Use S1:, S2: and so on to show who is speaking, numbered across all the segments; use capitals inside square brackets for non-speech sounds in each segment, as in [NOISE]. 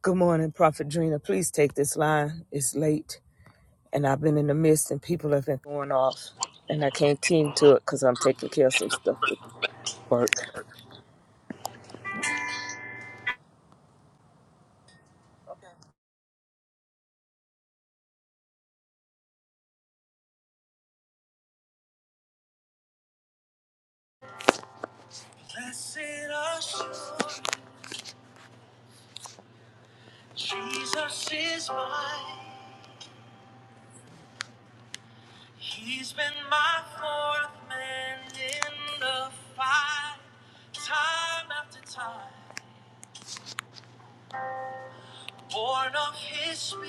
S1: Good morning, Prophet Drina. Please take this line. It's late, and I've been in the midst, and people have been going off, and I can't tend to it because I'm taking care of some stuff with work.
S2: Blessed assurance, Jesus is mine. He's been my fourth man in the fight, time after time. Born of His Spirit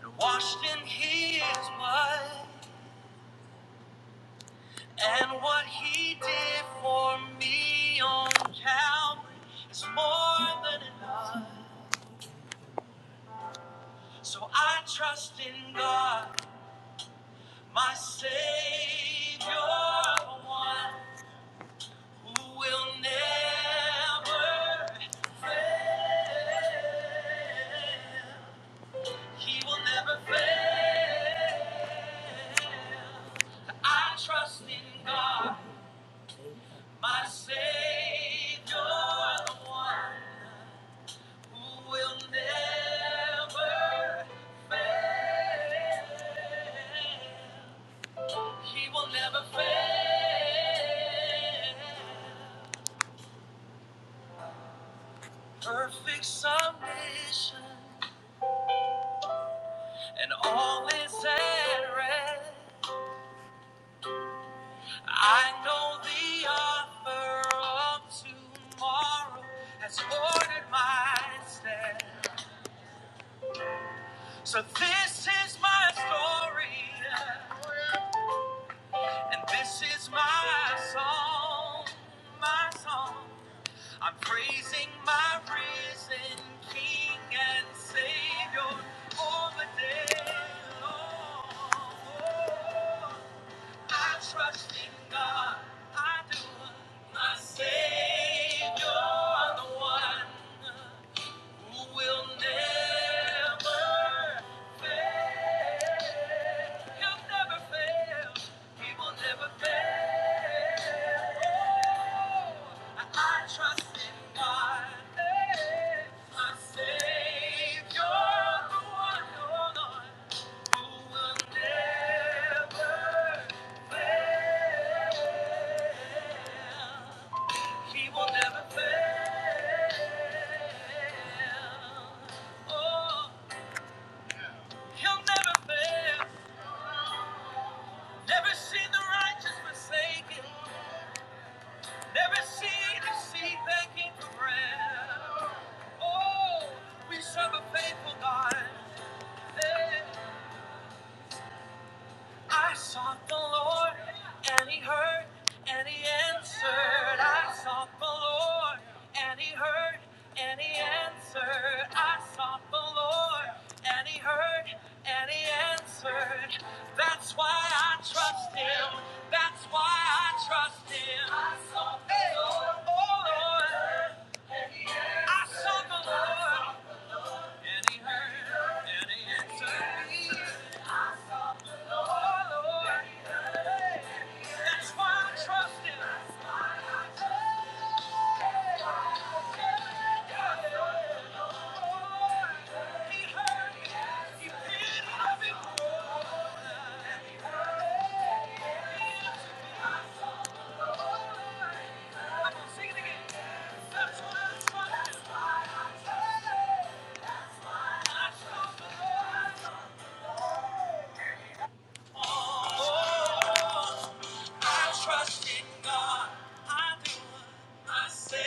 S2: and washed in His blood, and what He did for me on Calvary is more than enough. So I trust in God, my Savior, the one. who will never, he will never fail. I trust in God, my Savior, the one who will never fail. He will never fail. Perfect submission, and all is at rest. I know the offer of tomorrow has ordered my steps. So this is my story, and this is my song, my song. I'm praising my risen King and Savior all the day long. I trust in God. I do. My Savior, the one who will never fail. He'll never fail. He will never fail. Oh, I trust in God. eh, My Savior, the one, oh Lord, who will never fail. He will never fail. Oh, he'll never fail. Never seen the righteous forsaken. Never seen the seed begging for bread. Oh, we serve a faithful God. Hey. I sought the Lord, and He heard, and He answered. I sought the Lord, and He heard, and He answered. I sought the Lord, and He heard, and He answered. That's why I trust Him. That's why I trust Him. I sought the Hey. Lord, oh Lord, I sought the Lord, and He heard, and He answered. That's why I trust him. I trust in God. I do. My Savior,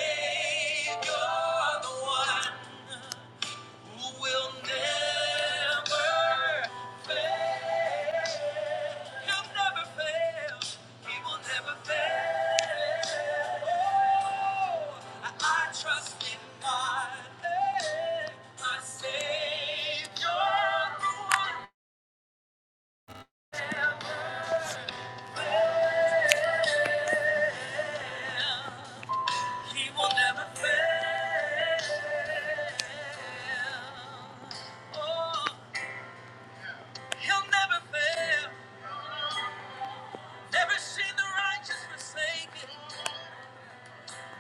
S2: the one who will never fail. He'll never fail. He will never fail. I, I trust in God. eh, My Savior, the one- He will never fail. Oh, He'll never fail. Never seen the righteous forsaken.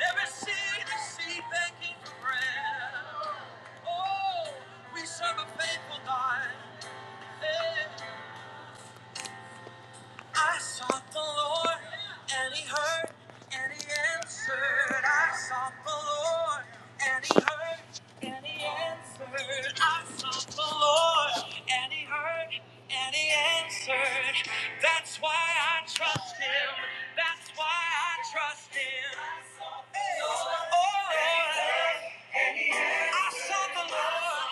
S2: Every seed is seed banking for prayer. Oh, we serve a faithful God. Hey. I sought the Lord, and He heard, and He answered. I sought the Lord, and He heard, and He answered. I sought the Lord, and He heard, and He answered. That's why I trust Him. That's why I trust Him. Hey. Oh, Lord. I sought the Lord,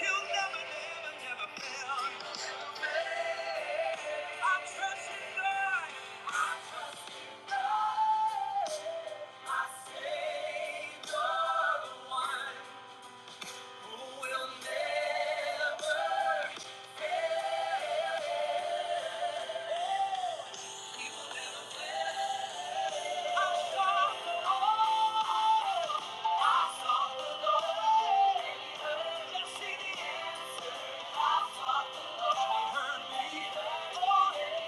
S2: He'll never, never, never fail. Yes, it is. I sought the Lord. He heard me. Oh,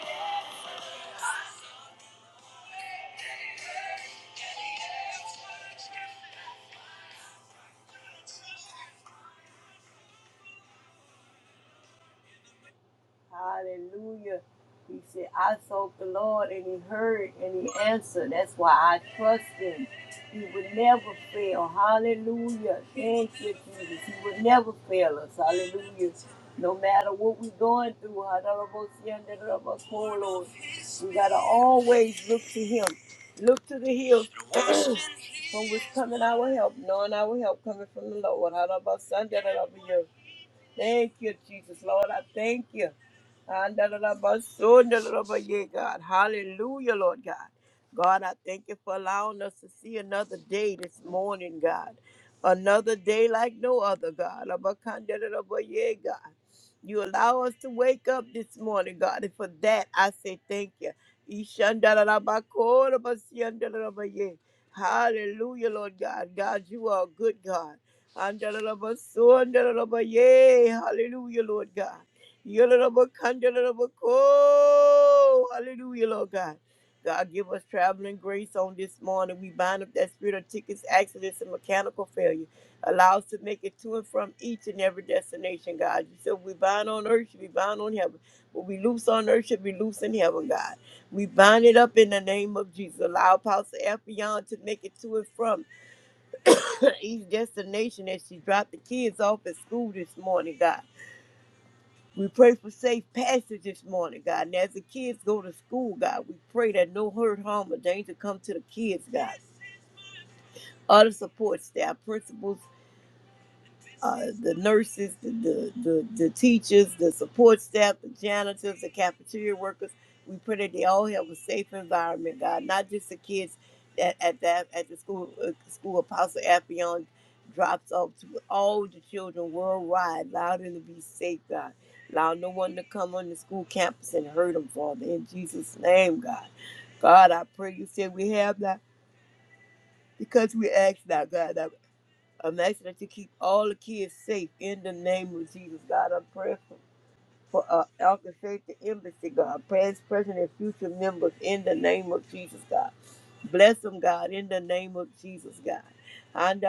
S2: Hallelujah. He said, I sought the Lord and he heard and he answered. That's why I trust him. He would never fail. Hallelujah. Thank you, Jesus. He would never fail us. Hallelujah. No matter what we're going through, Lord, we got to always look to him. Look to the hills [CLEARS THROAT] from which coming our help, knowing our help coming from the Lord. Hallelujah! Thank you, Jesus. Lord, I thank you. Andalabasundalabaye, God. Hallelujah, Lord God. God, I thank you for allowing us to see another day this morning, God. Another day like no other, God. Abakandalabaye, God. You allow us to wake up this morning, God. And for that, I say thank you. Ishandalalabakorabasiandalabaye. Hallelujah, Lord God. God, you are a good God. Andalabasundalabaye. Hallelujah, Lord God. Yalabakandalabako. Hallelujah, Lord God. God, give us traveling grace on this morning. We bind up that spirit of tickets, accidents, and mechanical failure. Allow us to make it to and from each and every destination, God. You said we bind on earth, should be bound on heaven. What we loose on earth should be loose in heaven, God. We bind it up in the name of Jesus. Allow Pastor Effion to make it to and from [COUGHS] [CLEARS THROAT] each destination as she dropped the kids off at school this morning, God. We pray for safe passage this morning, God. And as the kids go to school, God, we pray that no hurt, harm, or danger come to the kids, God. Other support staff, principals, uh, the nurses, the, the, the, the teachers, the support staff, the janitors, the cafeteria workers. We pray that they all have a safe environment, God, not just the kids at, at that at the school uh, school Apostle Affion drops off to but all the children worldwide, allow them to be safe, God. Allow no one to come on the school campus and hurt them, Father. In Jesus' name, God. God, I pray you said we have that because we ask that, God. I'm asking that you keep all the kids safe in the name of Jesus, God. I'm praying for for our Elkin Safety Embassy, God, past, present, and future members in the name of Jesus, God. Bless them, God, in the name of Jesus, God. And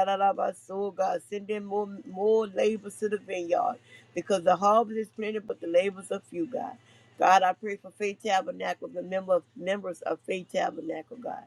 S2: soul, God, send in more, more labors to the vineyard because the harvest is plenty, but the labors are few, God. God, I pray for Faith Tabernacle, the member, members of Faith Tabernacle, God.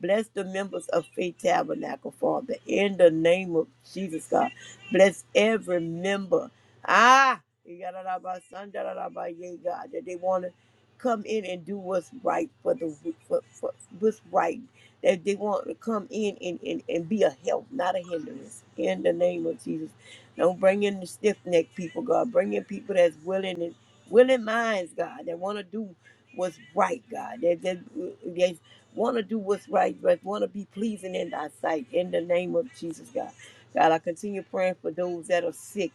S2: Bless the members of Faith Tabernacle, Father, in the name of Jesus, God. Bless every member Ah, you got a lot about son, da da son, da sandarabba, yea, God, that they want to come in and do what's right for the for, for what's right. That they want to come in and, and, and be a help, not a hindrance. In the name of Jesus, don't bring in the stiff necked people, God. Bring in people that's willing and willing minds, God, that want to do what's right, God. That that they want to do what's right, but want to be pleasing in Thy sight. In the name of Jesus, God. God, I continue praying for those that are sick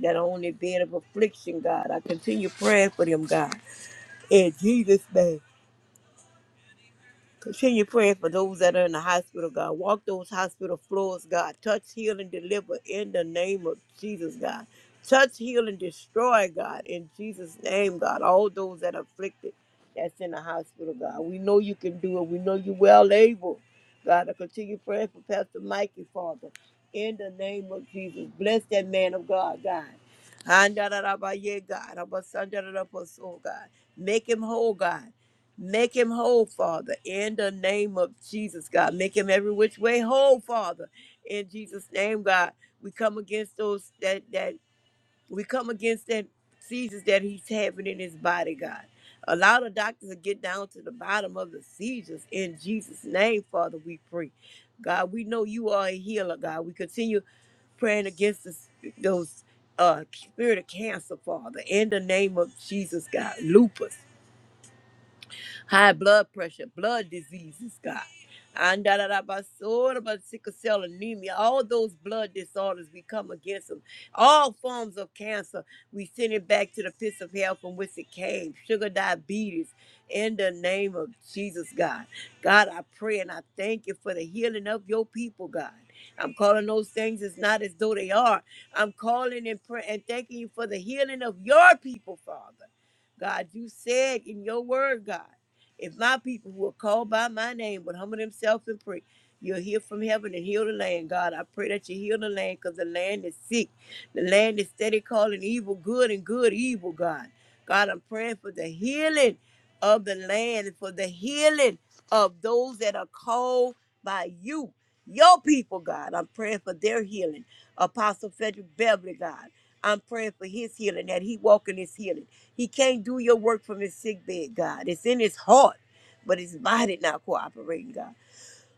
S2: that are on their bed of affliction, God. I continue praying for them, God. In Jesus' name. Continue praying for those that are in the hospital, God. Walk those hospital floors, God. Touch, heal, and deliver in the name of Jesus, God. Touch, heal, and destroy, God, in Jesus' name, God. All those that are afflicted that's in the hospital, God. We know you can do it. We know you're well able, God. I continue praying for Pastor Mikey, Father, in the name of Jesus. Bless that man of God, God. Andarabaye, God. Abasandarabaso, God. Make him whole, God. Make him whole, Father, in the name of Jesus, God. Make him every which way whole, Father, in Jesus' name, God. We come against those that that we come against that seizures that he's having in his body, God. Allow the doctors to get down to the bottom of the seizures in Jesus' name, Father. We pray, God. We know you are a healer, God. We continue praying against this, those uh spirit of cancer, Father, in the name of Jesus, God. Lupus high blood pressure, blood diseases, God. And da da da ba so da ba sickle cell anemia, all those blood disorders we come against them. All forms of cancer, we send it back to the pits of hell from which it came. Sugar diabetes, in the name of Jesus, God. God, I pray and I thank you for the healing of your people, God. I'm calling those things as not as though they are. I'm calling and pray and thanking you for the healing of your people, Father. God, you said in your word, God. If my people who are called by my name would humble themselves and pray, you'll hear from heaven and heal the land, God. I pray that you heal the land because the land is sick. The land is steady calling evil good and good evil, God. God, I'm praying for the healing of the land, and for the healing of those that are called by you, your people, God. I'm praying for their healing. Apostle Frederick Beverly, God. I'm praying for his healing, that he walk in his healing. He can't do your work from his sick bed, God. It's in his heart, but his body not cooperating, God.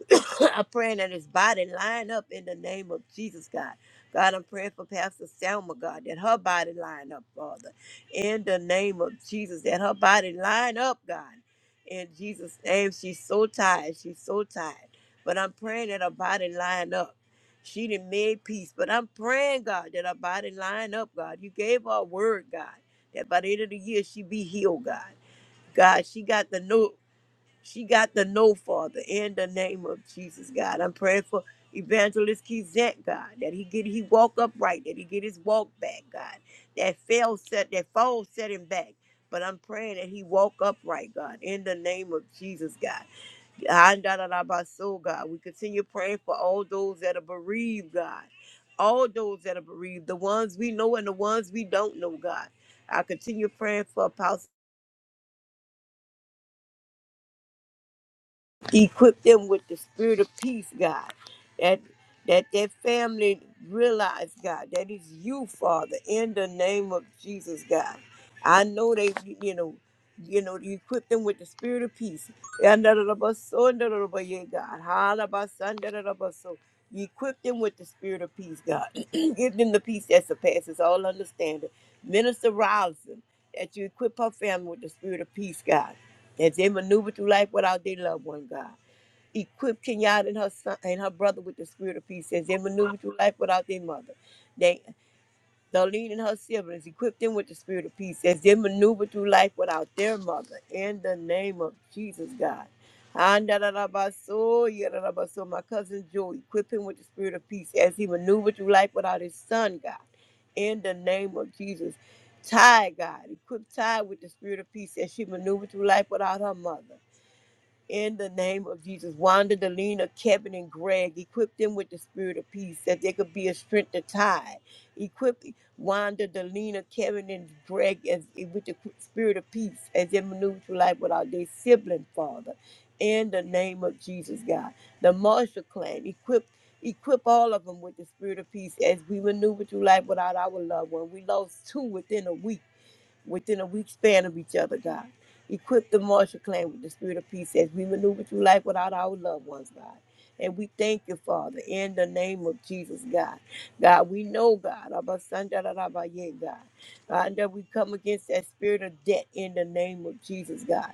S2: [COUGHS] I'm praying that his body line up in the name of Jesus, God. God, I'm praying for Pastor Selma, God, that her body line up, Father, in the name of Jesus, that her body line up, God. In Jesus' name, she's so tired. She's so tired. But I'm praying that her body line up. She didn't make peace, but I'm praying, God, that her body line up, God. You gave her a word, God, that by the end of the year she be healed, God. God, she got the note. She got the no, Father, in the name of Jesus, God. I'm praying for Evangelist Kizet, God, that he get he walk upright, that he get his walk back, God. That fail set, that fall set him back. But I'm praying that he walk upright, God, in the name of Jesus, God. Andalalabaso, God. We continue praying for all those that are bereaved, God. All those that are bereaved, the ones we know and the ones we don't know, God. I continue praying for Apostle. equip them with the spirit of peace, God. That that their family realize, God, that is you, Father, in the name of Jesus, God. I know they, you know. You know, you equip them with the spirit of peace. Yandarabaso, yandarabaye, God. Halabasan, yandarabaso. You equip them with the spirit of peace, God. [CLEARS THROAT] Give them the peace that surpasses all understanding. Minister Robinson, that you equip her family with the spirit of peace, God. As they maneuver through life without their loved one, God equip Kenyatta and her son and her brother with the spirit of peace as they maneuver through life without their mother. The and her siblings, equip them with the spirit of peace as they maneuver through life without their mother. In the name of Jesus, God. Andalabaso, yadalabaso. My cousin Joe, equip him with the spirit of peace as he maneuvered through life without his son, God. In the name of Jesus. Ty, God, equip Ty with the spirit of peace as she maneuvered through life without her mother. In the name of Jesus, Wanda, Delina, Kevin, and Greg, equip them with the spirit of peace that there could be a strength to tie. Equip Wanda, Delina, Kevin, and Greg as, with the spirit of peace as they maneuver through life without their sibling, Father. In the name of Jesus, God. The Marshall clan, equip equip all of them with the spirit of peace as we maneuver through life without our loved one. We lost two within a week within a week span of each other, God. Equip the Marshall clan with the spirit of peace as we maneuver through life without our loved ones, God. And we thank you, Father, in the name of Jesus, God. God, we know, God, Abba Sanda da da ba ye, God, God, that we come against that spirit of debt in the name of Jesus, God.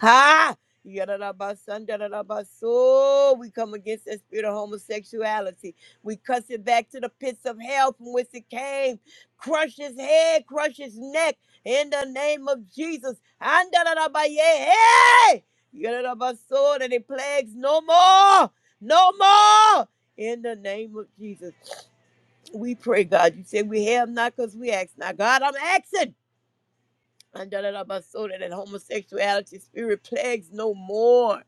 S2: Ha! Ya da da ba Sanda da da ba so. We come against that spirit of homosexuality. We cuss it back to the pits of hell from which it came. Crush his head, crush his neck in the name of Jesus. Andarabaye, hey! Yarabaso, that it plagues no more, no more. In the name of Jesus, we pray, God. You said we have not because we ask. Now, God, I'm asking and da, da, da, ba, so that that homosexuality spirit plagues no more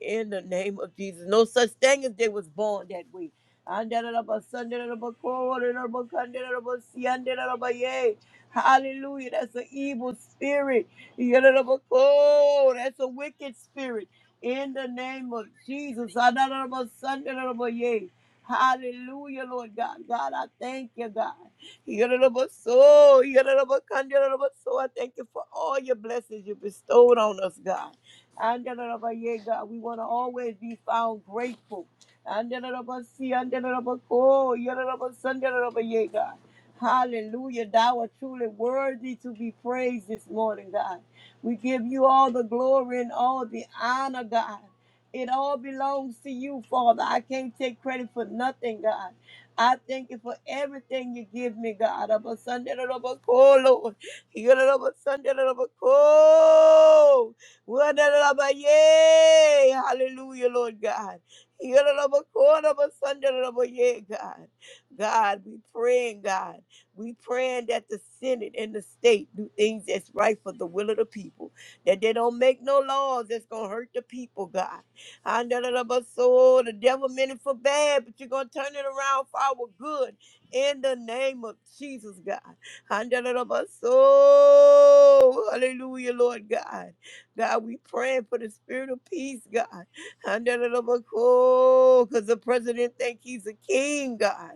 S2: in the name of Jesus. No such thing as they was born that way. And da, da, da, ba, son, da, da, da, ba, ko, da, da, da, ba, kan, da, da, da, ba, si, and da, da, da, ba, yea. Hallelujah. That's an evil spirit. Ya, da, da, ba, ko. That's a wicked spirit. In the name of Jesus. Ah, da, da, da, ba, son, da, da, da, ba, yea. Hallelujah, Lord God. God, I thank you, God. Yadadabaso, yadadabakan, yadadabaso. I thank you for all your blessings you bestowed on us, God. And yadadabaye, God, we want to always be found grateful. And yadadabasi, and yadadabako, yadadabasan, yadadabaye, God. Hallelujah. Thou art truly worthy to be praised this morning, God. We give you all the glory and all the honor, God. It all belongs to you, Father. I can't take credit for nothing, God. I thank you for everything you give me, God. Of a Sunday, of a call, Lord. You of a Sunday, of a call. Word of a yay. Hallelujah, Lord God. You of a call, of a Sunday, of a yay, God. God, we praying, God. We praying that the Senate and the state do things that's right for the will of the people. That they don't make no laws that's going to hurt the people, God. I know that of us soul. The devil meant it for bad, but you're gonna turn it around for our good in the name of Jesus, God. I know that of us soul. Hallelujah, Lord God. God, we praying for the spirit of peace, God. I know that of us soul, Cause the president think he's a king, God.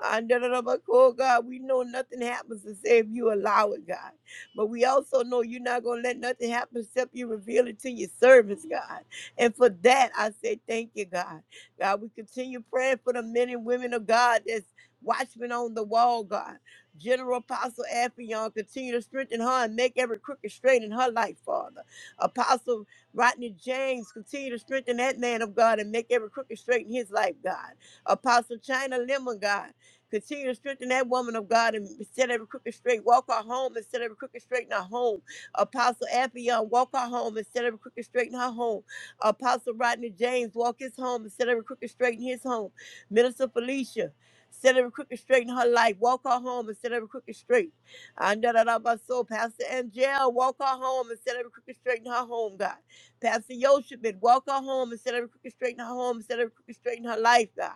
S2: I know that of us soul, God. We know nothing happens except you allow it, God. But we also know you're not gonna let nothing happen except you reveal it to your servants, God. And for that, I say thank you, God. God, we continue praying for the men and women of God that's watchmen on the wall, God. General Apostle Affion, continue to strengthen her and make every crooked straight in her life, Father. Apostle Rodney James, continue to strengthen that man of God and make every crooked straight in his life, God. Apostle China Lemon, God. Continue to strengthen that woman of God and set every crooked straight. Walk her home and set every crooked straight in her home. Apostle Appion, walk her home and set every crooked straight in her home. Apostle Rodney James, walk his home and set every crooked straight in his home. Minister Felicia, set every crooked straight in her life. Walk her home and set every crooked straight. I know that about my soul. Pastor Angel, walk her home and set every crooked straight in her home, God. Pastor Yoshibin, walk her home and set every crooked straight in her home and set every crooked straight in her life, God.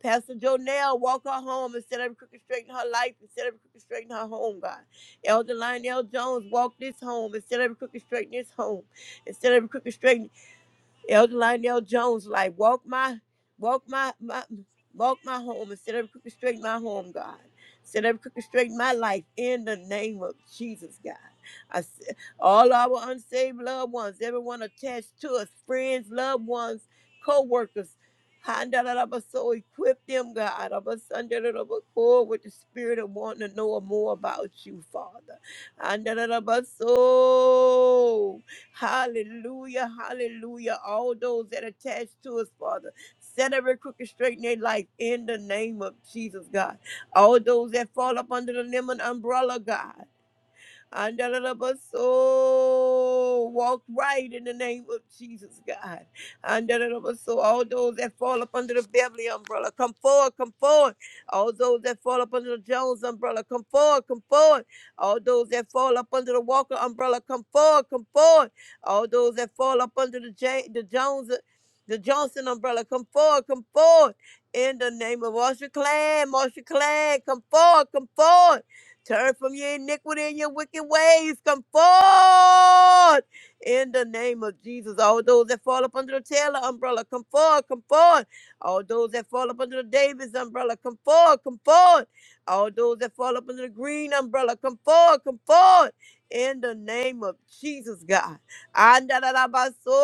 S2: Pastor Jonelle, walk her home and set every crooked straight in her life and set every crooked straight in her home, God. Elder Lionel Jones, walk this home and set every crooked straight in this home. Instead of crooked straight. Elder Lionel Jones, like walk my walk my, my walk my home and set every crooked straight my home, God. Set every crooked straight my life in the name of Jesus, God. I s- all our unsaved loved ones, everyone attached to us, friends, loved ones, co-workers. Handalaba, So equip them, God, of us under the rubber core with the spirit of wanting to know more about you, Father. Handalaba, So. Hallelujah, hallelujah. All those that attach to us, Father, set every crooked straight in their life in the name of Jesus, God. All those that fall up under the lemon umbrella, God. Andalabaso, walk right in the name of Jesus, God. Andalabaso, all those that fall up under the Beverly umbrella, come forward, come forward. All those that fall up under the Jones umbrella, come forward, come forward. All those that fall up under the Walker umbrella, come forward, come forward. All those that fall up under the, J- the Jones, the Johnson umbrella, come forward, come forward. In the name of Marsha Clan, Marsha Clan, come forward, come forward. Turn from your iniquity and your wicked ways. Come forth in the name of Jesus. All those that fall up under the Taylor umbrella, come forth, come forth. All those that fall up under the Davis umbrella, come forth, come forth. All those that fall up under the green umbrella, come forth, come forth. In the name of Jesus, God. Andalabaso.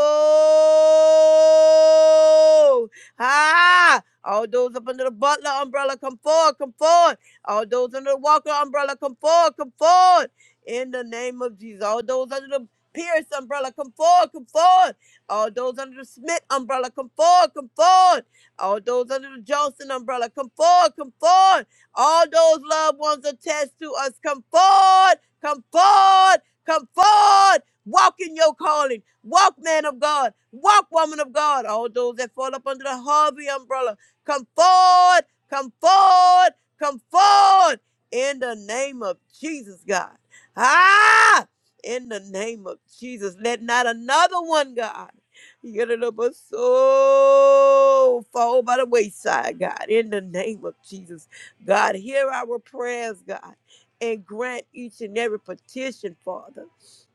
S2: Ah, all those up under the butler umbrella, come forward, come forward. All those under the Walker umbrella, come forward, come forward. In the name of Jesus. All those under the Pierce umbrella, come forward, come forward. All those under the Smith umbrella, come forward, come forward. All those under the Johnson umbrella, come forward, come forward. All those loved ones attached to us, come forward, come forward, come forward. Walk in your calling. Walk, man of God. Walk, woman of God. All those that fall up under the Harvey umbrella, come forward, come forward. Come forward in the name of Jesus, God. Ah, in the name of Jesus. Let not another one, God. Get it up a soul fall by the wayside, God, in the name of Jesus. God, hear our prayers, God, and grant each and every petition, Father.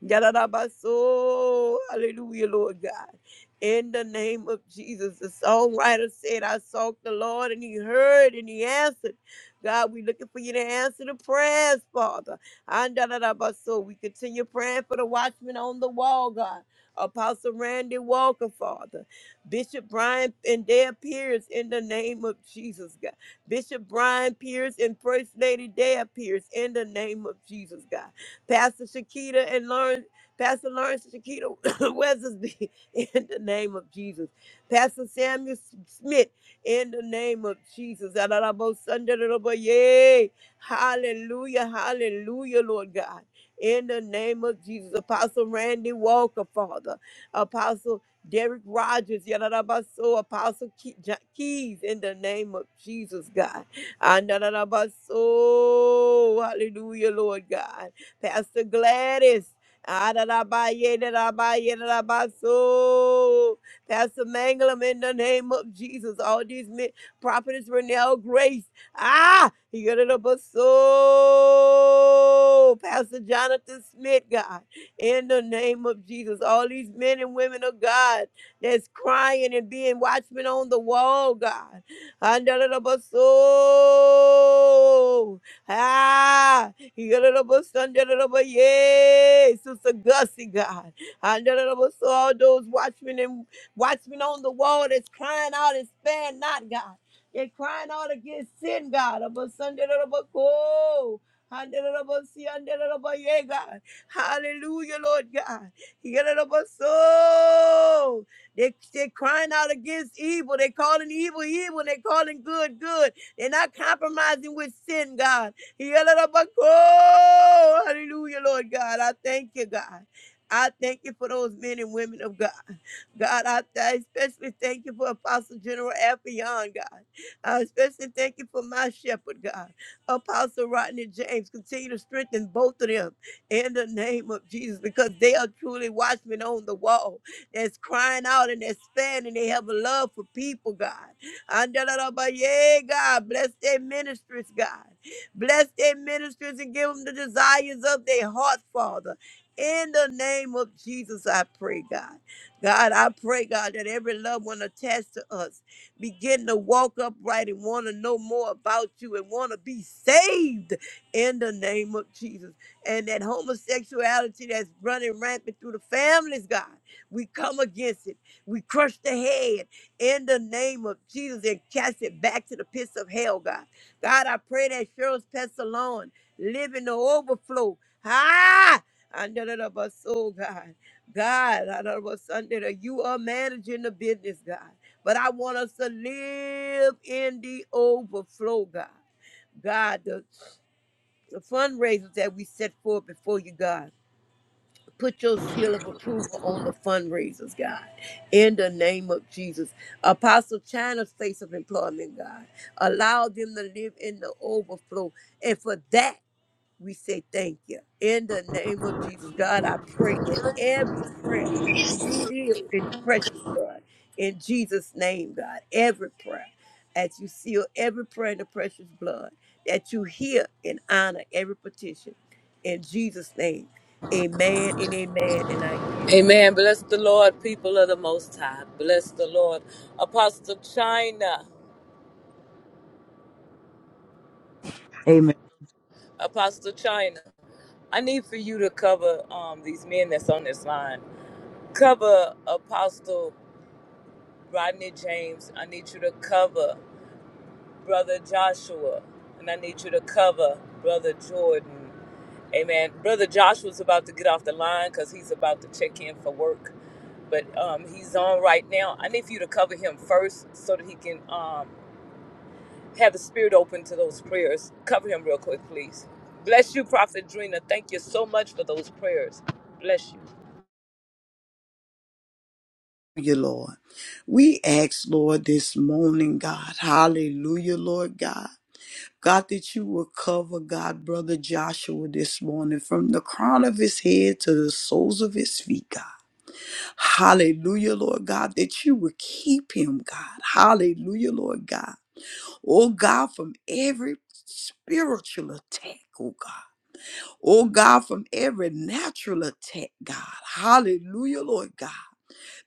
S2: Yadadabaso. Hallelujah, Lord God. In the name of Jesus, the songwriter said, I sought the Lord and he heard and he answered. God, we looking for you to answer the prayers, Father. And da da da ba so we continue praying for the watchman on the wall, God. Apostle Randy Walker, Father. Bishop Brian and Dea Pierce in the name of Jesus, God. Bishop Brian Pierce and First Lady Dea Pierce in the name of Jesus, God. Pastor Shakita and Lawrence, Pastor Lawrence Shakita [COUGHS] Weathersby in the name of Jesus. Pastor Samuel Smith in the name of Jesus. Yay. Hallelujah. Hallelujah, Lord God. In the name of Jesus. Apostle Randy Walker, Father. Apostle Derek Rogers, Yadadabaso, Apostle Ke- Ja- Keys, in the name of Jesus, God. Andadadabaso, hallelujah, Lord God. Pastor Gladys, Adadabaye, Dadabaye, Dadabaso. Pastor Manglam in the name of Jesus. All these men, Prophetess Renelle Grace. Ah, he got it up a soul. Pastor Jonathan Smith, God, in the name of Jesus. All these men and women of God that's crying and being watchmen on the wall, God. Under the up a soul. Ah, he got it up a Sunday, the up a yay. Sister Gussie, God. Under the up a soul, all those watchmen and Watchmen on the wall that's crying out and spare not, God. They're crying out against sin, God. Abba, Sunday, da, da, si, yeah, Hallelujah, Lord God. Yeah, da, so. They, they're crying out against evil. They're calling evil evil. They're calling good good. They're not compromising with sin, God. Yeah, Hallelujah, Lord God. I thank you, God. I thank you for those men and women of God. God, I, I especially thank you for Apostle General Affion, God. I especially thank you for my shepherd, God. Apostle Rodney James, continue to strengthen both of them in the name of Jesus because they are truly watchmen on the wall that's crying out and that's standing. They have a love for people, God. Andalalabaye, God, bless their ministries, God. Bless their ministries and give them the desires of their heart, Father. In the name of Jesus, I pray, God. God, I pray, God, that every loved one attached to us begin to walk upright and want to know more about you and want to be saved in the name of Jesus. And that homosexuality that's running rampant through the families, God, we come against it. We crush the head in the name of Jesus and cast it back to the pits of hell, God. God, I pray that Cheryl's Pest alone live in the overflow. Ah! Under the bus, oh God. God, I don't know what Sunday that you are managing the business, God. But I want us to live in the overflow, God. God, the, the fundraisers that we set forth before you, God. Put your seal of approval on the fundraisers, God. In the name of Jesus. Apostle China's place of employment, God. Allow them to live in the overflow. And for that. We say thank you. In the name of Jesus, God, I pray that every prayer be sealed in the precious blood. In Jesus' name, God, every prayer, as you seal every prayer in the precious blood, that you hear and honor every petition. In Jesus' name, amen and amen. And I yield.
S1: Amen. Bless the Lord, people of the Most High. Bless the Lord. Apostle China.
S3: Amen.
S1: Apostle China. I need for you to cover um, these men that's on this line. Cover Apostle Rodney James. I need you to cover. Brother Joshua, and I need you to cover Brother Jordan. Amen. Brother Joshua's about to get off the line because he's about to check in for work, but um, he's on right now. I need for you to cover him first so that he can um, have the spirit open to those prayers. Cover him real quick, please. Bless you, Prophet Drina. Thank you so much for those prayers. Bless you.
S3: You, Lord. We ask, Lord, this morning, God, hallelujah, Lord God. God, that you will cover, God, Brother Joshua this morning from the crown of his head to the soles of his feet, God. Hallelujah, Lord God, that you will keep him, God. Hallelujah, Lord God. Oh, God, from every spiritual attack, oh, God. Oh, God, from every natural attack, God. Hallelujah, Lord God.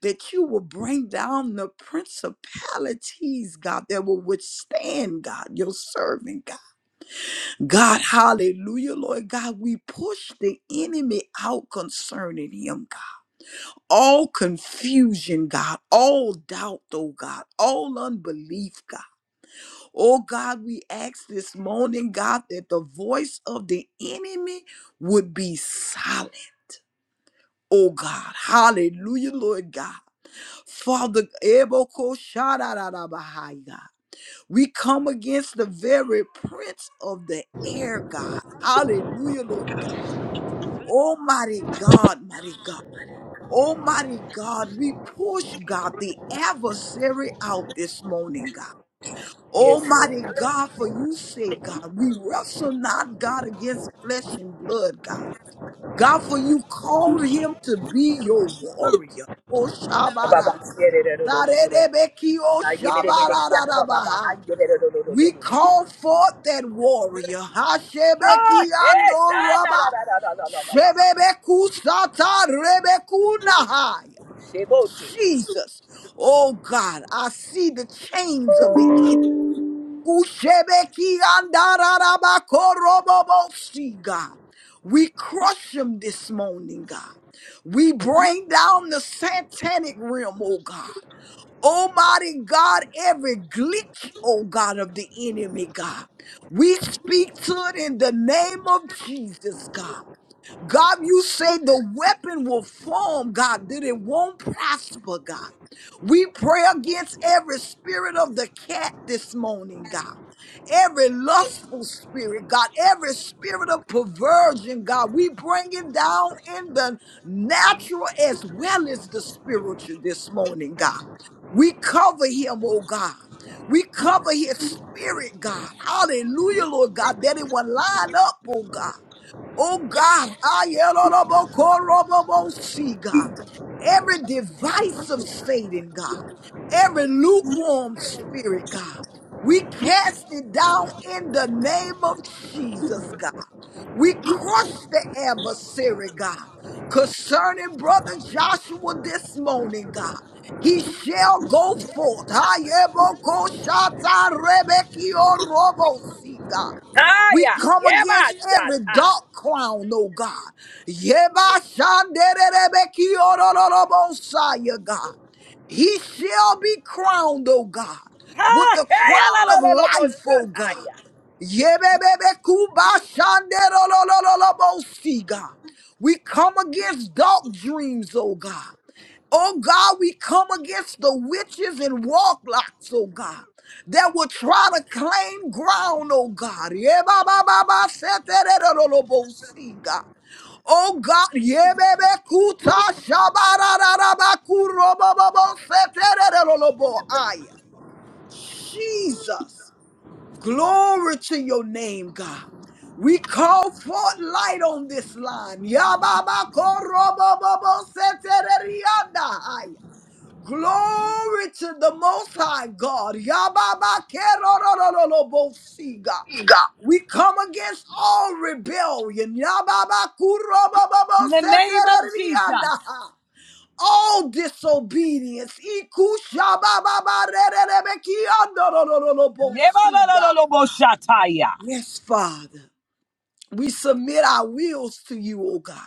S3: that you will bring down the principalities, God, that will withstand, God, your servant, God. God, hallelujah, Lord God, we push the enemy out concerning him, God. All confusion, God, all doubt, oh God, all unbelief, God. Oh God, we ask this morning, God, that the voice of the enemy would be silent. Oh God, hallelujah, Lord God. Father, Eboko Shadarabahai, God. We come against the very prince of the air, God. Hallelujah, Lord God. Almighty God, mighty God. Almighty God, we push, God, the adversary out this morning, God.
S1: Yes, Lord.
S3: Almighty God, for you say, God, we wrestle not, God, against flesh and blood, God. God, for you called him to be your warrior. Oh, Shabbat.
S1: Ba-ba-ba.
S3: Zarerebekio shabararabaha. We call forth that warrior. Hashebekiando
S1: Ah, eh, sha, na, na,
S3: raba.
S1: na, na, na, na, na, na, na.
S3: Shebebekusata rebekunahai.
S1: Shebote.
S3: Jesus. Oh God, I see the chains of the enemy. Ushebekiandararabakorobobosi, God. We crush them this morning, God. We bring down the satanic realm, oh God. Almighty God, every glitch, oh God, of the enemy, God. We speak to it in the name of Jesus, God. God, you say the weapon will form, God, that it won't prosper, God. We pray against every spirit of the cat this morning, God. Every lustful spirit, God, every spirit of perversion, God, we bring it down in the natural as well as the spiritual this morning, God. We cover him, oh God. We cover his spirit, God. Hallelujah, Lord God, that it will line up, oh God. Oh God, Ayelorobokorobobosi, God. every device of Satan, God, every lukewarm spirit, God, we cast it down in the name of Jesus, God. We crush the adversary, God, concerning brother Joshua this morning, God. He shall go forth. Ayebokoshatarebe kiorobosi, God. We
S1: Taya,
S3: come
S1: yeba,
S3: against
S1: sha,
S3: every
S1: ta.
S3: dark crown, oh God. Yeba shanderebeki orororobosaya, God. He shall be crowned, oh God, with
S1: Ah,
S3: the
S1: eh, ya, la,
S3: crown
S1: la,
S3: of
S1: la, la, bo,
S3: life,
S1: sha,
S3: oh God.
S1: taya.
S3: Yebebebekubashanderolololobosi, God. We come against dark dreams, oh God. Oh God, we come against the witches and warlocks, oh God, that will try to claim ground, oh God. Yeah, ba, ba, ba, ba, se, te, re, re, ro, ro, bo, si, God. Oh God, yeah, baby, kuta, shaba, ra, ra, ba, ku, ro, bo, bo, bo, se, te, re, re, ro, ro, bo, aya. Jesus, glory to your name, God. We call forth light on this line. Yababa korobo bobo setererianda. Glory to the Most High God. Yababakerorororobosi, God. We come against all rebellion.
S1: In the name of
S3: Yababakurobababosetererianda.
S1: Jesus.
S3: All disobedience.
S1: Yeba, la,
S3: Ikushabababarererebekiandorororobosi,
S1: la, la, la, bo, sha, taya.
S3: Yes, Father. We submit our wills to you, O God.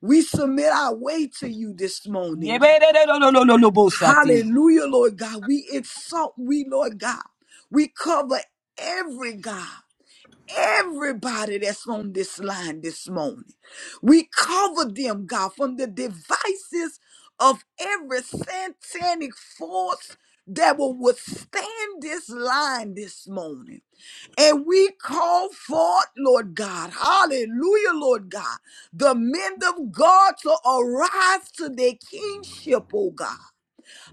S3: We submit our way to you this morning.
S1: Yebe, de, de, la, la, la, la, la, bo, sha, ti.
S3: Hallelujah, Lord God. We exalt, we, Lord God. We cover every God, everybody that's on this line this morning. We cover them, God, from the devices of every satanic force that will withstand this line this morning. And we call forth, Lord God, hallelujah, Lord God, the men of God to arise to their kingship, oh God.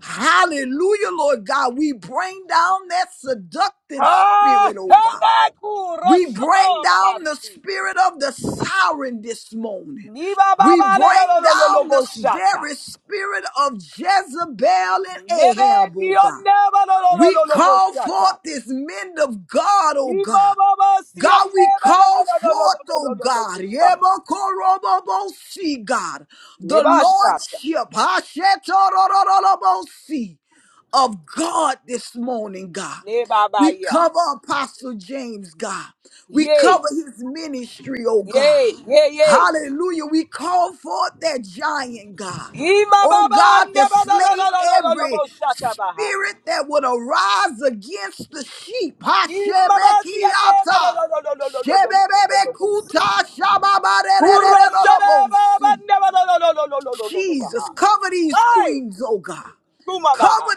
S3: Hallelujah, Lord God. We bring down that seductive
S1: Ah,
S3: spirit, oh
S1: eh,
S3: God.
S1: na, ku, ro,
S3: We
S1: sho, to,
S3: bring
S1: ba, ba,
S3: down the
S1: si.
S3: spirit of the siren this morning.
S1: Ni, ba, ba,
S3: We
S1: ba, la, la, la,
S3: bring
S1: la, la, la,
S3: down
S1: bo,
S3: this
S1: sha, ta.
S3: very spirit of Jezebel and
S1: Nebe,
S3: Ahab,
S1: ki,
S3: oh
S1: yo,
S3: God.
S1: ne, ba, la, la, la,
S3: We
S1: la, la, bo,
S3: call
S1: sha, ta.
S3: forth this men of God, oh God. God, we call forth, oh God,
S1: Nebashata.
S3: Yebokorobobosi, God, the Lordship, Hashetorororobosi of God this morning, God. We
S1: Nebabaya.
S3: cover Apostle James, God. We
S1: Yay.
S3: cover his ministry, oh
S1: Yay.
S3: God.
S1: Yay. Yay.
S3: Hallelujah. We call forth that giant, God. Oh
S1: Imababa
S3: God, to
S1: neba no no no
S3: slay
S1: no no no no
S3: every
S1: no shata baha.
S3: spirit that would arise against the sheep. Hashebekiata.
S1: Imabasia neba no no no no no no no no no no no.
S3: Shebebebekuta.
S1: Kuro shana baba
S3: Shababarererererolobosi.
S1: neba no no no no no no no no no
S3: Jesus,
S1: baha.
S3: cover these
S1: Hai
S3: queens, oh God.
S1: kuma baha.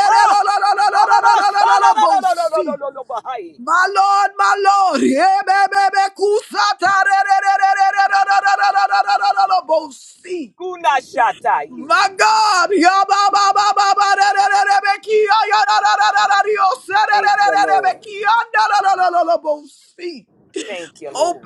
S1: Ha. Baba shana no no no no no no no no baha. Kuna shata ye. Thank you, Lord. Thank you, Lord.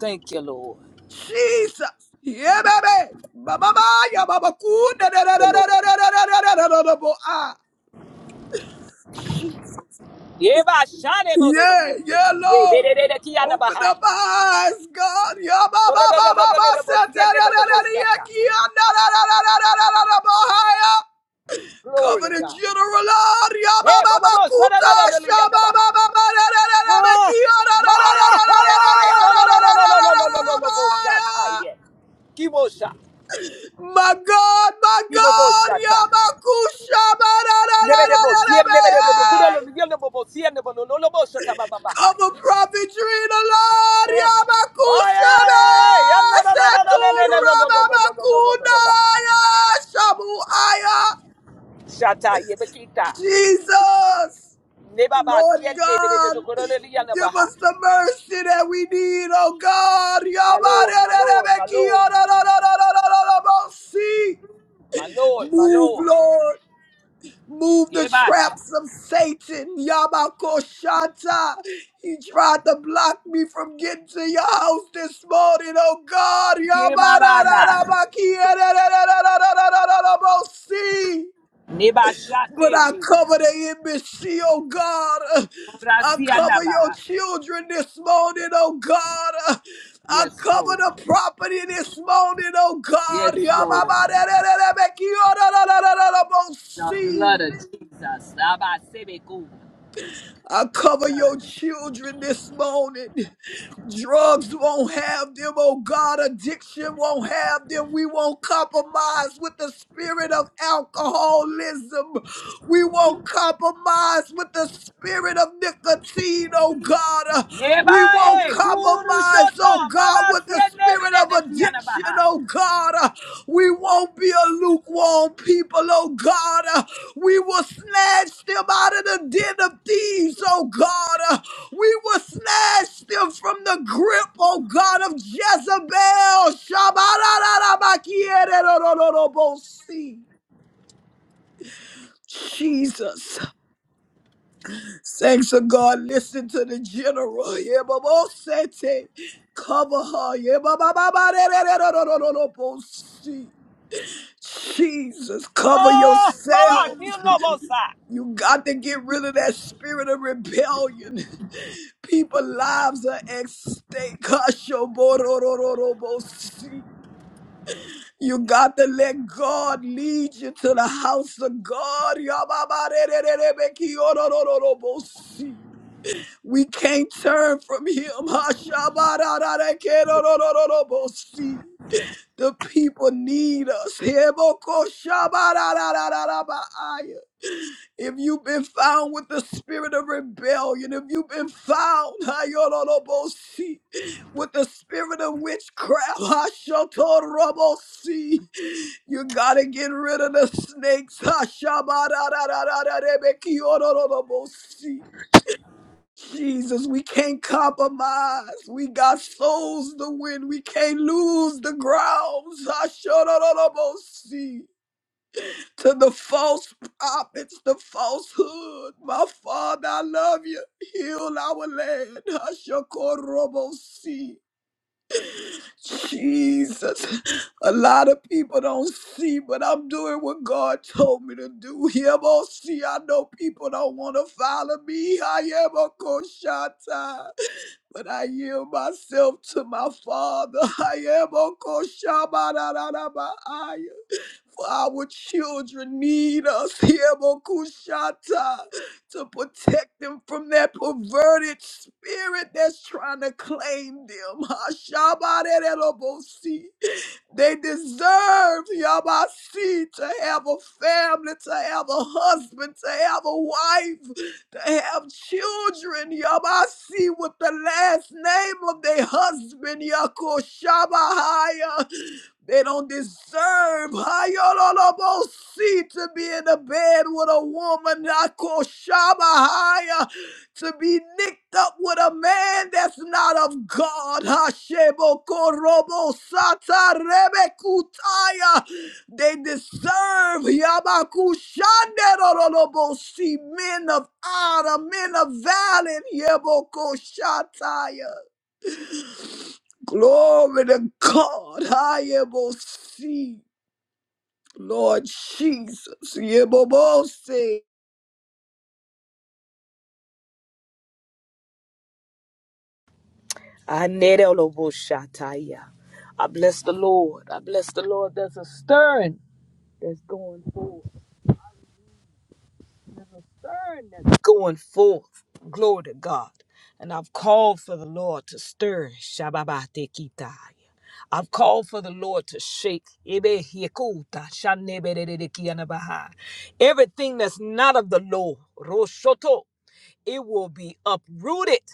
S1: Thank you, Lord.
S3: Jesus. Yeah, baby. Mama, ya mama, kuna, da,
S1: Thank
S3: da,
S1: you,
S3: da, da, da,
S1: Lord.
S3: da, da, da, da, da, da, da, bo- ah. Jesus.
S1: Yeba shane bo do do
S3: Yeah,
S1: bo
S3: yeah,
S1: shiti. Ye de
S3: Lord.
S1: de de de ki ana
S3: Open up
S1: bahai.
S3: my eyes, God. Ya mama,
S1: Do do do
S3: mama,
S1: do do do
S3: mama,
S1: do do bo
S3: sa,
S1: si
S3: da,
S1: yende
S3: da,
S1: bo
S3: da,
S1: bo
S3: da,
S1: bo
S3: da, ya,
S1: shata.
S3: ki, ya, da, da, da, da, da, da, da, da, da, bo- hi, ya.
S1: Glory
S3: Cover
S1: to
S3: the
S1: God.
S3: general, Lord. Ya
S1: Hey,
S3: mama,
S1: bo bo
S3: mama,
S1: bo sa da da
S3: kuta,
S1: da da li
S3: sha,
S1: yanda
S3: mama,
S1: bahai.
S3: mama, da, da, da, da, da,
S1: Ah,
S3: ki, ya, da, da, da, da,
S1: Maya,
S3: da, da, da, da, da, da, da, da,
S1: haya, ya, no, no, no,
S3: da, da,
S1: no, no, no,
S3: da,
S1: no, no,
S3: da,
S1: no,
S3: da,
S1: no,
S3: bo-
S1: bo shata,
S3: hi,
S1: yeah.
S3: ya.
S1: Kibosha,
S3: My God, my God,
S1: Kiboboshata,
S3: Yamakusha,
S1: Nebedebo, Sien
S3: ba-da-da-da-da-da-da-ba,
S1: Nebedo,
S3: hey.
S1: Kudalo, Yonobo, Sien Nebo, Nolobo, Shata ba
S3: cover
S1: Bahai.
S3: Prophet Drina, Lord,
S1: Maya,
S3: Yamakusha,
S1: ya na
S3: ba,
S1: na na na na na na no,
S3: Satura,
S1: no, no, no, no, no, no, no, no, no baha.
S3: Babakunaya, Shabuaya,
S1: Shata yebekita.
S3: Jesus,
S1: Nebaba
S3: Lord
S1: sien nebe de
S3: God,
S1: de korole liya na
S3: give
S1: baha.
S3: us the mercy that we need, oh God,
S1: My
S3: Yama,
S1: lord, my lord, my
S3: da-da-da-da-ba,
S1: lord,
S3: Kiyo, da-da-da-da-da-da-da-da-ba, see.
S1: my lord, my
S3: Move,
S1: lord.
S3: Lord. Move the
S1: Kebasha,
S3: traps of Satan, Yamakoshata. He tried to block me from getting to your house this morning, oh God.
S1: kebabana.
S3: Yamadadadabakiadadadadadadadadadabosi.
S1: Nebasha
S3: But I
S1: teke.
S3: cover the embassy, oh God. I
S1: Rasia na
S3: cover your
S1: baha.
S3: children this morning, oh God. I
S1: Yes,
S3: cover
S1: Lord.
S3: the property this morning, oh God.
S1: Yes, Lord. The blood
S3: Yamamadabekiadadadadadabosi.
S1: of Jesus. Abba Sebeku.
S3: I cover your children this morning. Drugs won't have them, oh God. Addiction won't have them. We won't compromise with the spirit of alcoholism. We won't compromise with the spirit of nicotine, oh God. Uh, We won't
S1: Yebae, Guru
S3: compromise, oh
S1: Shoto,
S3: God,
S1: Mama
S3: with the spirit
S1: Sienebere
S3: of
S1: de
S3: addiction,
S1: Tianabaha.
S3: oh God. Uh, We won't be a lukewarm people, oh God. We will snatch them out of the den of thieves, oh God. Uh, We will snatch them from the grip, oh God, of Jezebel. Shabarararabakiere-rorororobosi. Jesus. Thanks to God. Listen to the general. Yebabosete. Cover her. Yebabababarererorororobosi. Jesus, cover
S1: Oh, Mama, you
S3: yourselves.
S1: know Bosa.
S3: You got to get rid of that spirit of rebellion. People lives are at stake. Kashoborororobosi. You got to let God lead you to the house of God. Yababarerererebekiorororobosi. We can't turn from him. Hashabararekerorororobosi. The people need us. Hebokoshabararararabai. If you've been found with the spirit of rebellion, if you've been found [LAUGHS] Hayorobosi, with the spirit of witchcraft, [LAUGHS] Hashotorobosi, you gotta get rid of the snakes. [LAUGHS] Hashabarararararebekiorororobosi. Jesus, we can't compromise. We got souls to win. We can't lose the grounds. [LAUGHS] Hashotorobosi to the false prophets, the falsehood. My Father, I love you. Heal our land. Hashakorobosi. Jesus. A lot of people don't see, but I'm doing what God told me to do. Hebosi. I know people don't want to follow me. Hayebokoshata. But I yield myself to my Father. Hayebokoshaba. For our children need us [LAUGHS] here, Mokushata, to protect them from that perverted spirit that's trying to claim them. [LAUGHS] Hashabarerobosi. They deserve Yabasi to have a family, to have a husband, to have a wife, to have children, Yabasi, with the last name of their husband, Yakoshabahaya. They don't deserve Hayololobosi to be in a bed with a woman, Yakoshabahaya to be nicked up with a man that's not of God. Hashemokorobo satarebekutaya. They deserve Yabakushanderorolobosi, men of honor, men of valor. Yebokoshataya. Glory to God. Hayebosi. Lord Jesus. Yebobose.
S1: I need a lobo shataya. I bless the Lord. I bless the Lord. There's a stirring that's going forward. stirring that's going forth. Glory to God. And I've called for the Lord to stir. Shababatekitaya. I've called for the Lord to shake. Ebehikuta, shanebedededekianabaha. Everything that's not of the Lord, Roshoto, it will be uprooted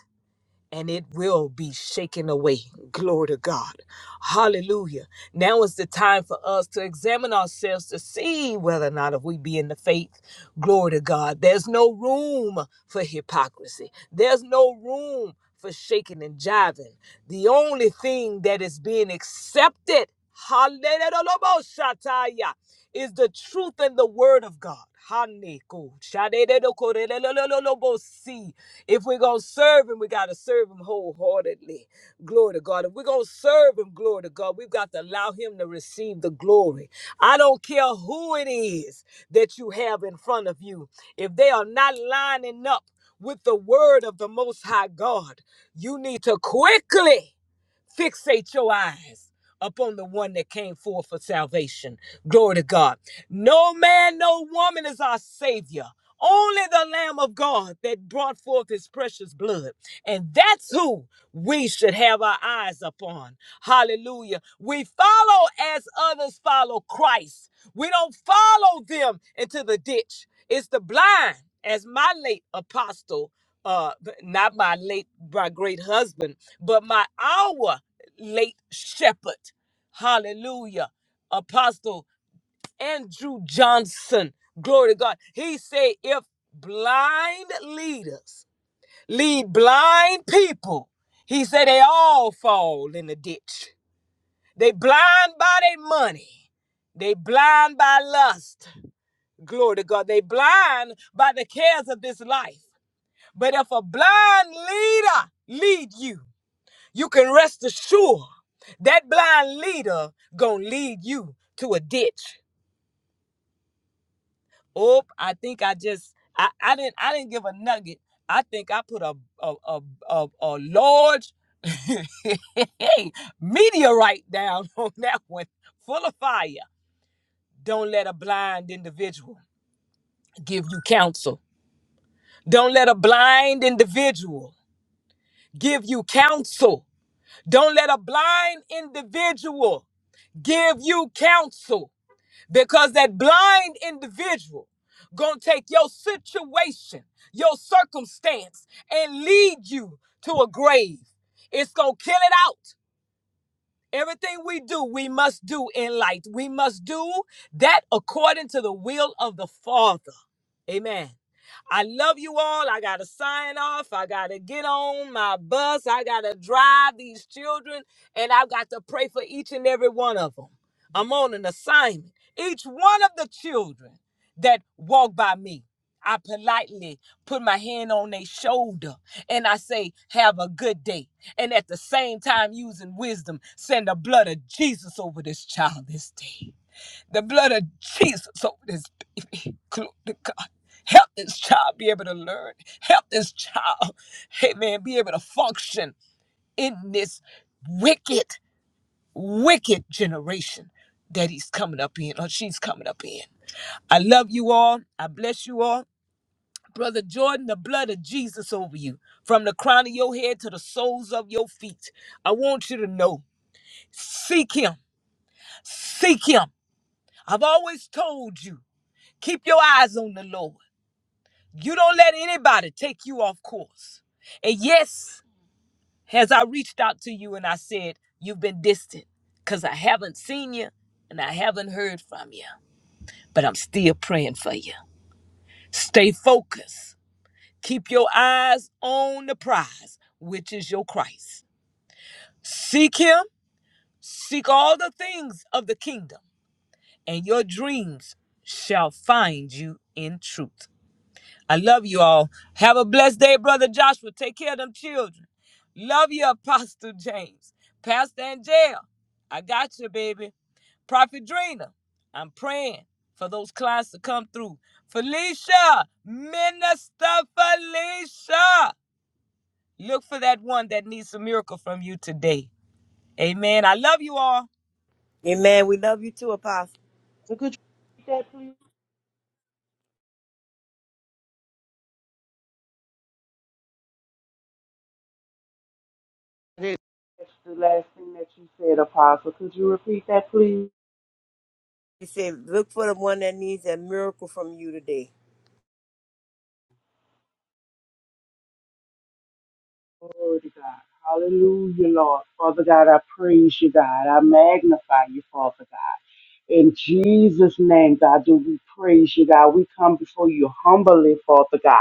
S1: and it will be shaken away. Glory to God. Hallelujah. Now is the time for us to examine ourselves to see whether or not if we be in the faith. Glory to God. There's no room for hypocrisy. There's no room for shaking and jiving. The only thing that is being accepted Hallelujah. Is the truth and the word of God. Haneko, shadededokorelelelelolobosi. If we're going to serve him, we got to serve him wholeheartedly. Glory to God. If we're going to serve him, glory to God, we've got to allow him to receive the glory. I don't care who it is that you have in front of you. If they are not lining up with the word of the Most High God, you need to quickly fixate your eyes upon the one that came forth for salvation. Glory to God. No man, no woman is our Savior. Only the Lamb of God that brought forth his precious blood. And that's who we should have our eyes upon. Hallelujah. We follow as others follow Christ. We don't follow them into the ditch. It's the blind, as my late apostle, uh, not my late, my great husband, but my our late shepherd. Hallelujah. Apostle Andrew Johnson. Glory to God. He said, if blind leaders lead blind people, he said they all fall in the ditch. They blind by their money. They blind by lust. Glory to God. They blind by the cares of this life. But if a blind leader lead you, you can rest assured that blind leader gonna lead you to a ditch. Oh, I think I just I, I didn't I didn't give a nugget. I think I put a a a, a, a large [LAUGHS] meteorite down on that one, full of fire. Don't let a blind individual give you counsel. Don't let a blind individual give you counsel. Don't let a blind individual give you counsel. because that blind individual gonna take your situation your circumstance and lead you to a grave it's gonna kill it out Everything we do, we must do in light. We must do that according to the will of the Father. Amen. I love you all. I got to sign off. I got to get on my bus. I got to drive these children, and I've got to pray for each and every one of them. I'm on an assignment. Each one of the children that walk by me. I politely put my hand on their shoulder and I say, Have a good day. And at the same time, using wisdom, send the blood of Jesus over this child this day. The blood of Jesus over this baby. [LAUGHS] Glory to God. Help this child be able to learn. Help this child, hey man, be able to function in this wicked, wicked generation that he's coming up in or she's coming up in. I love you all. I bless you all. Brother Jordan, the blood of Jesus over you, from the crown of your head to the soles of your feet. I want you to know seek him. Seek him. I've always told you keep your eyes on the Lord. You don't let anybody take you off course. And yes, as I reached out to you and I said, You've been distant because I haven't seen you and I haven't heard from you, but I'm still praying for you. Stay focused. Keep your eyes on the prize, which is your Christ. Seek him, seek all the things of the kingdom, and your dreams shall find you in truth. I love you all. Have a blessed day, Brother Joshua. Take care of them children. Love you, Apostle James. Pastor Angel, I got you, baby. Prophet Drina, I'm praying for those clients to come through. Felicia, Minister Felicia. Look for that one that needs a miracle from you today. Amen. I love you all.
S2: Amen. We love you too, Apostle.
S4: So could you repeat that, please? I didn't catch the last thing that you said, Apostle. Could you repeat that, please?
S2: He said, look for the one that needs a miracle from you today.
S4: Glory to God. Hallelujah, Lord. Father God, I praise you, God. I magnify you, Father God. In Jesus' name, God, do we praise you, God. We come before you humbly, Father God.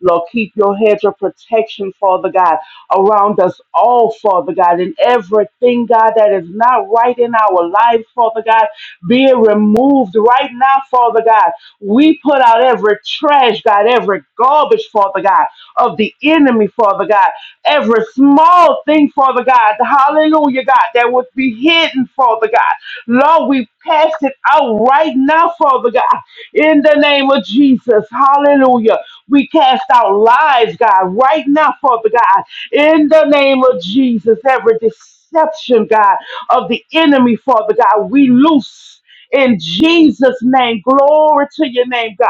S4: Lord, keep your hedge of protection, Father God, around us all, Father God, and everything, God, that is not right in our life, Father God, be it removed right now, Father God. We put out every trash, God, every garbage, Father God, of the enemy, Father God, every small thing, Father God, hallelujah, God, that would be hidden, Father God. Lord, we cast it out right now, Father God, in the name of Jesus. Hallelujah. We cast out lies, God, right now, Father God, in the name of Jesus. Every deception, God, of the enemy, Father God, we loose. In Jesus' name, glory to your name, God.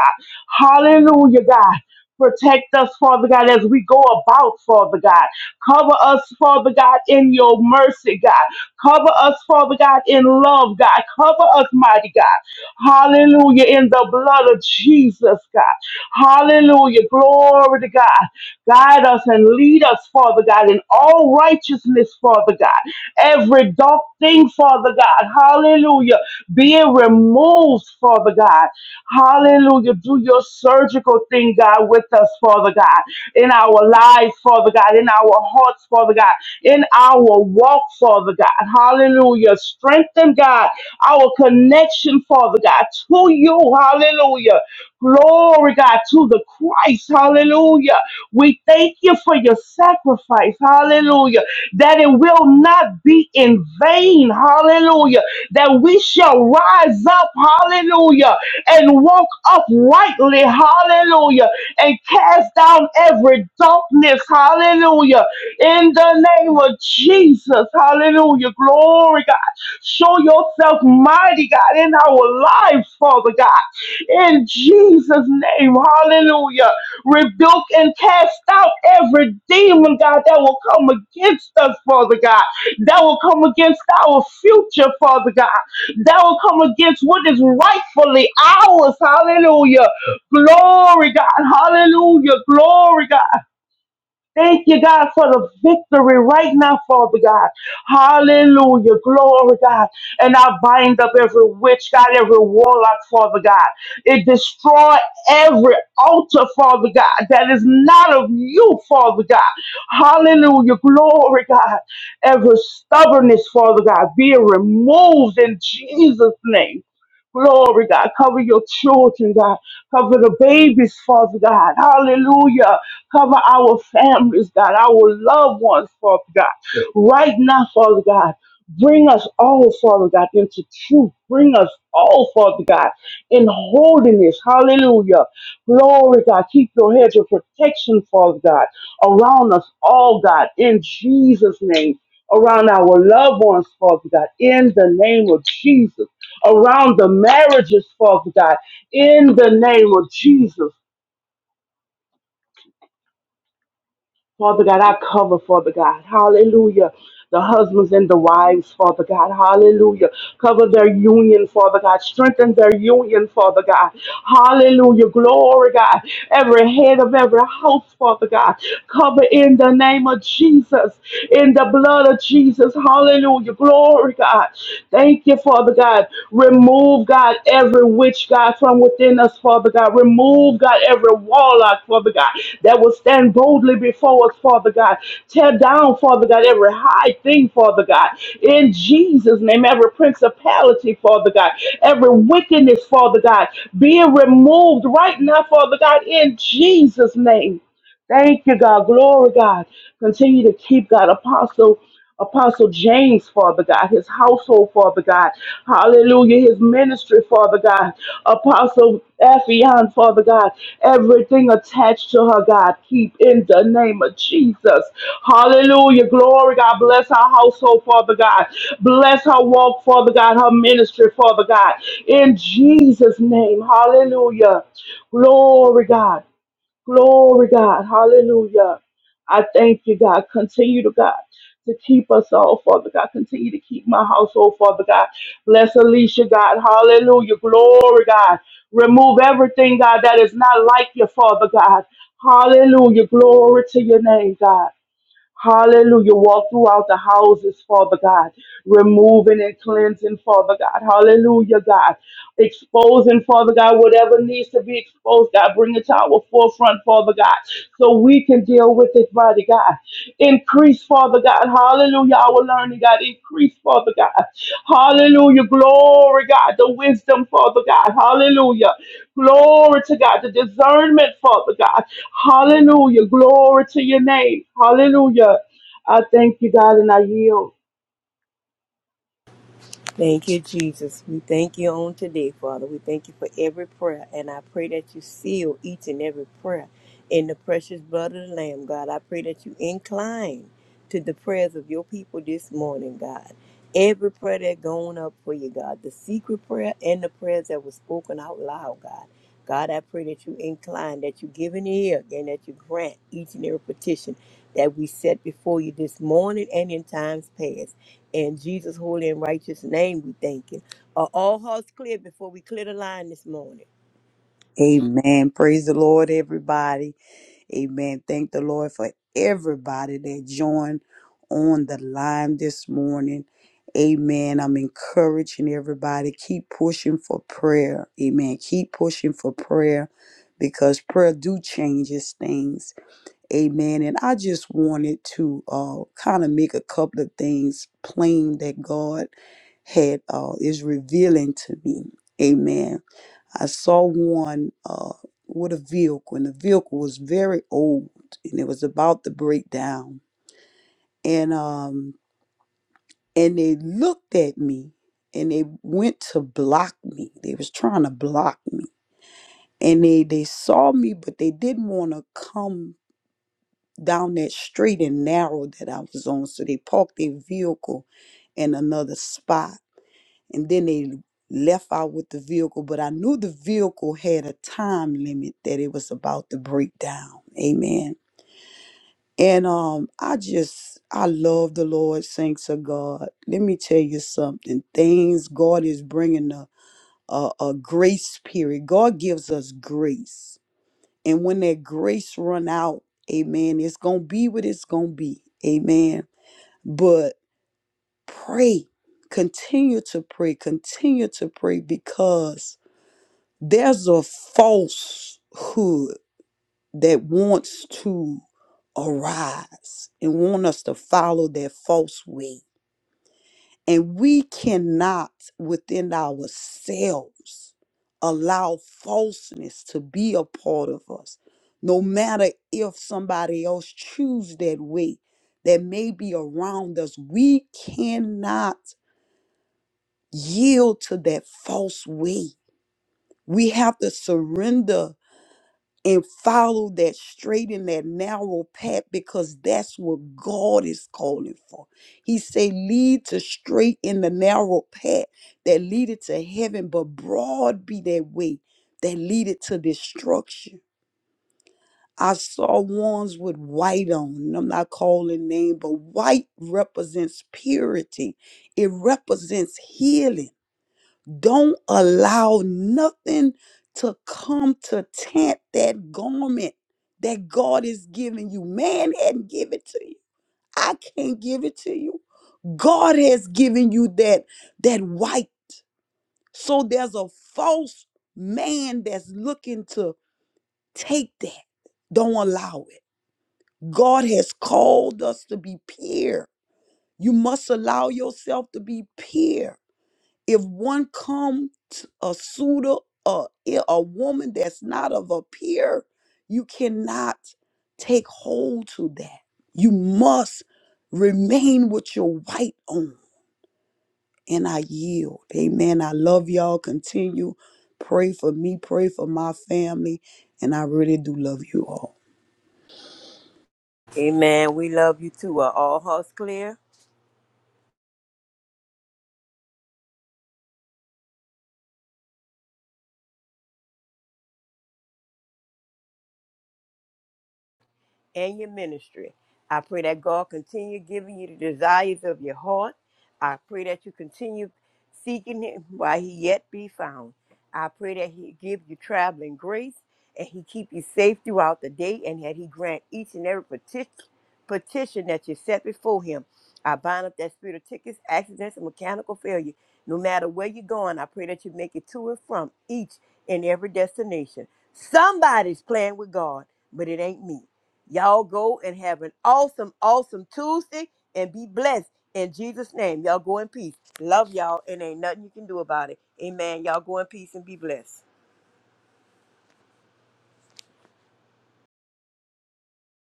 S4: Hallelujah, God. Protect us, Father God, as we go about, Father God. Cover us, Father God, in your mercy, God. Cover us, Father God, in love, God. Cover us, mighty God. Hallelujah. In the blood of Jesus, God. Hallelujah. Glory to God. Guide us and lead us, Father God, in all righteousness, Father God. Every dark thing, Father God. Hallelujah. Be it removed, Father God. Hallelujah. Do your surgical thing, God, with us, Father God. In our lives, Father God. In our hearts, Father God in our walk, Father God. Hallelujah. Strengthen, God, our connection, Father God, to you. Hallelujah. Glory, God, to the Christ. Hallelujah. We thank you for your sacrifice. Hallelujah. That it will not be in vain. Hallelujah. That we shall rise up. Hallelujah. And walk uprightly. Hallelujah. And cast down every darkness. Hallelujah in the name of Jesus, hallelujah, glory, God. Show yourself mighty, God, in our life, Father God. In Jesus' name, hallelujah. Rebuke and cast out every demon, God, that will come against us, Father God. That will come against our future, Father God. That will come against what is rightfully ours, hallelujah. Glory, God, hallelujah, glory, God. Thank you, God, for the victory right now, Father God. Hallelujah. Glory, God. And I bind up every witch, God, every warlock, Father God. It destroy every altar, Father God, that is not of you, Father God. Hallelujah. Glory, God. Every stubbornness, Father God, be removed in Jesus' name. Glory, God. Cover your children, God. Cover the babies, Father God. Hallelujah. Cover our families, God, our loved ones, Father God. Right now, Father God, bring us all, Father God, into truth. Bring us all, Father God, in holiness. Hallelujah. Glory, God. Keep your hedge of protection, Father God, around us all, God, in Jesus' name. Around our loved ones, Father God, in the name of Jesus. Around the marriages, Father God, in the name of Jesus. Father God, I cover, Father God. Hallelujah. The husbands and the wives, Father God. Hallelujah. Cover their union, Father God. Strengthen their union, Father God. Hallelujah. Glory, God. Every head of every house, Father God. Cover in the name of Jesus, in the blood of Jesus. Hallelujah. Glory, God. Thank you, Father God. God. Remove, God, every witch, God, from within us, Father God. Remove, God, every warlock, Father God, that will stand boldly before us, Father God. Tear down, Father God, every high thing, Father God. In Jesus' name, every principality, Father God, every wickedness, Father God, being removed right now, Father God, in Jesus' name. Thank you, God. Glory, God. Continue to keep God, Apostle. Apostle James, Father God, his household, Father God. Hallelujah. His ministry, Father God. Apostle Ephion, Father God. Everything attached to her, God. Keep in the name of Jesus. Hallelujah. Glory, God. Bless her household, Father God. Bless her walk, Father God. Her ministry, Father God. In Jesus' name. Hallelujah. Glory, God. Glory, God. Hallelujah. I thank you, God. Continue to, God, to keep us all, Father God. Continue to keep my household, Father God. Bless Alicia, God. Hallelujah. Glory, God. Remove everything, God, that is not like you, Father God. Hallelujah. Glory to your name, God. Hallelujah. Walk throughout the houses, Father God, removing and cleansing, Father God. Hallelujah, God. Exposing, Father God, whatever needs to be exposed, God. Bring it to our forefront, Father God, so we can deal with it, mighty God. Increase, Father God. Hallelujah, our learning, God. Increase, Father God. Hallelujah. Glory, God. The wisdom, Father God. Hallelujah. Glory to God. The discernment, Father God. Hallelujah. Glory to your name. Hallelujah. I thank you, God, and I yield.
S2: Thank you, Jesus. We thank you on today, Father. We thank you for every prayer, and I pray that you seal each and every prayer in the precious blood of the Lamb, God. I pray that you incline to the prayers of your people this morning, God. Every prayer that gone up for you, God, the secret prayer and the prayers that were spoken out loud, God. God, I pray that you incline, that you give an ear, and that you grant each and every petition that we set before you this morning and in times past. In Jesus' holy and righteous name, we thank you. Are all hearts clear before we clear the line this morning?
S3: Amen. Praise the Lord, everybody. Amen. Thank the Lord for everybody that joined on the line this morning. Amen. I'm encouraging everybody. Keep pushing for prayer. Amen. Keep pushing for prayer because prayer do changes things. Amen. And I just wanted to uh, kind of make a couple of things plain that God had uh, is revealing to me. Amen. I saw one uh, with a vehicle, and the vehicle was very old, and it was about to break down. And um, and they looked at me, and they went to block me. They was trying to block me, and they they saw me, but they didn't want to come down that straight and narrow that I was on. So they parked their vehicle in another spot and then they left out with the vehicle. But I knew the vehicle had a time limit that it was about to break down. Amen. And um, I just I love the Lord. Thanks to God. Let me tell you something. Things God is bringing a a, a grace period. God gives us grace, and when that grace run out, Amen. It's gonna be what it's gonna be. Amen. But pray, continue to pray, continue to pray because There's a falsehood that wants to arise and want us to follow that false way. And we cannot within ourselves allow falseness to be a part of us. No matter if somebody else choose that way that may be around us, we cannot yield to that false way. We have to surrender and follow that straight and that narrow path because that's what God is calling for. He say, lead to straight in the narrow path that leadeth to heaven, but broad be that way that leadeth to destruction. I saw ones with white on. and I'm not calling name, but white represents purity. It represents healing. Don't allow nothing to come to taint that garment that God is giving you. Man hadn't given it to you. I can't give it to you. God has given you that that white. So there's a false man that's looking to take that. Don't allow it. God has called us to be pure. You must allow yourself to be pure. if one come to a suitor a a woman that's not of a peer you cannot take hold to that you must remain with your white on and i yield amen i love y'all continue pray for me pray for my family and i really do love you all
S2: Amen. We love you too. Are all hearts clear? and your ministry. I pray that God continue giving you the desires of your heart. I pray that you continue seeking Him while He yet be found. I pray that He give you traveling grace and He keep you safe throughout the day and that He grant each and every peti- petition that you set before Him. I bind up that spirit of tickets, accidents, and mechanical failure. No matter where you're going, I pray that you make it to and from each and every destination. Somebody's playing with God, but it ain't me. Y'all go and have an awesome, awesome Tuesday and be blessed in Jesus' name. Y'all go in peace. Love y'all, and ain't nothing you can do about it. Amen. Y'all go in peace and be blessed.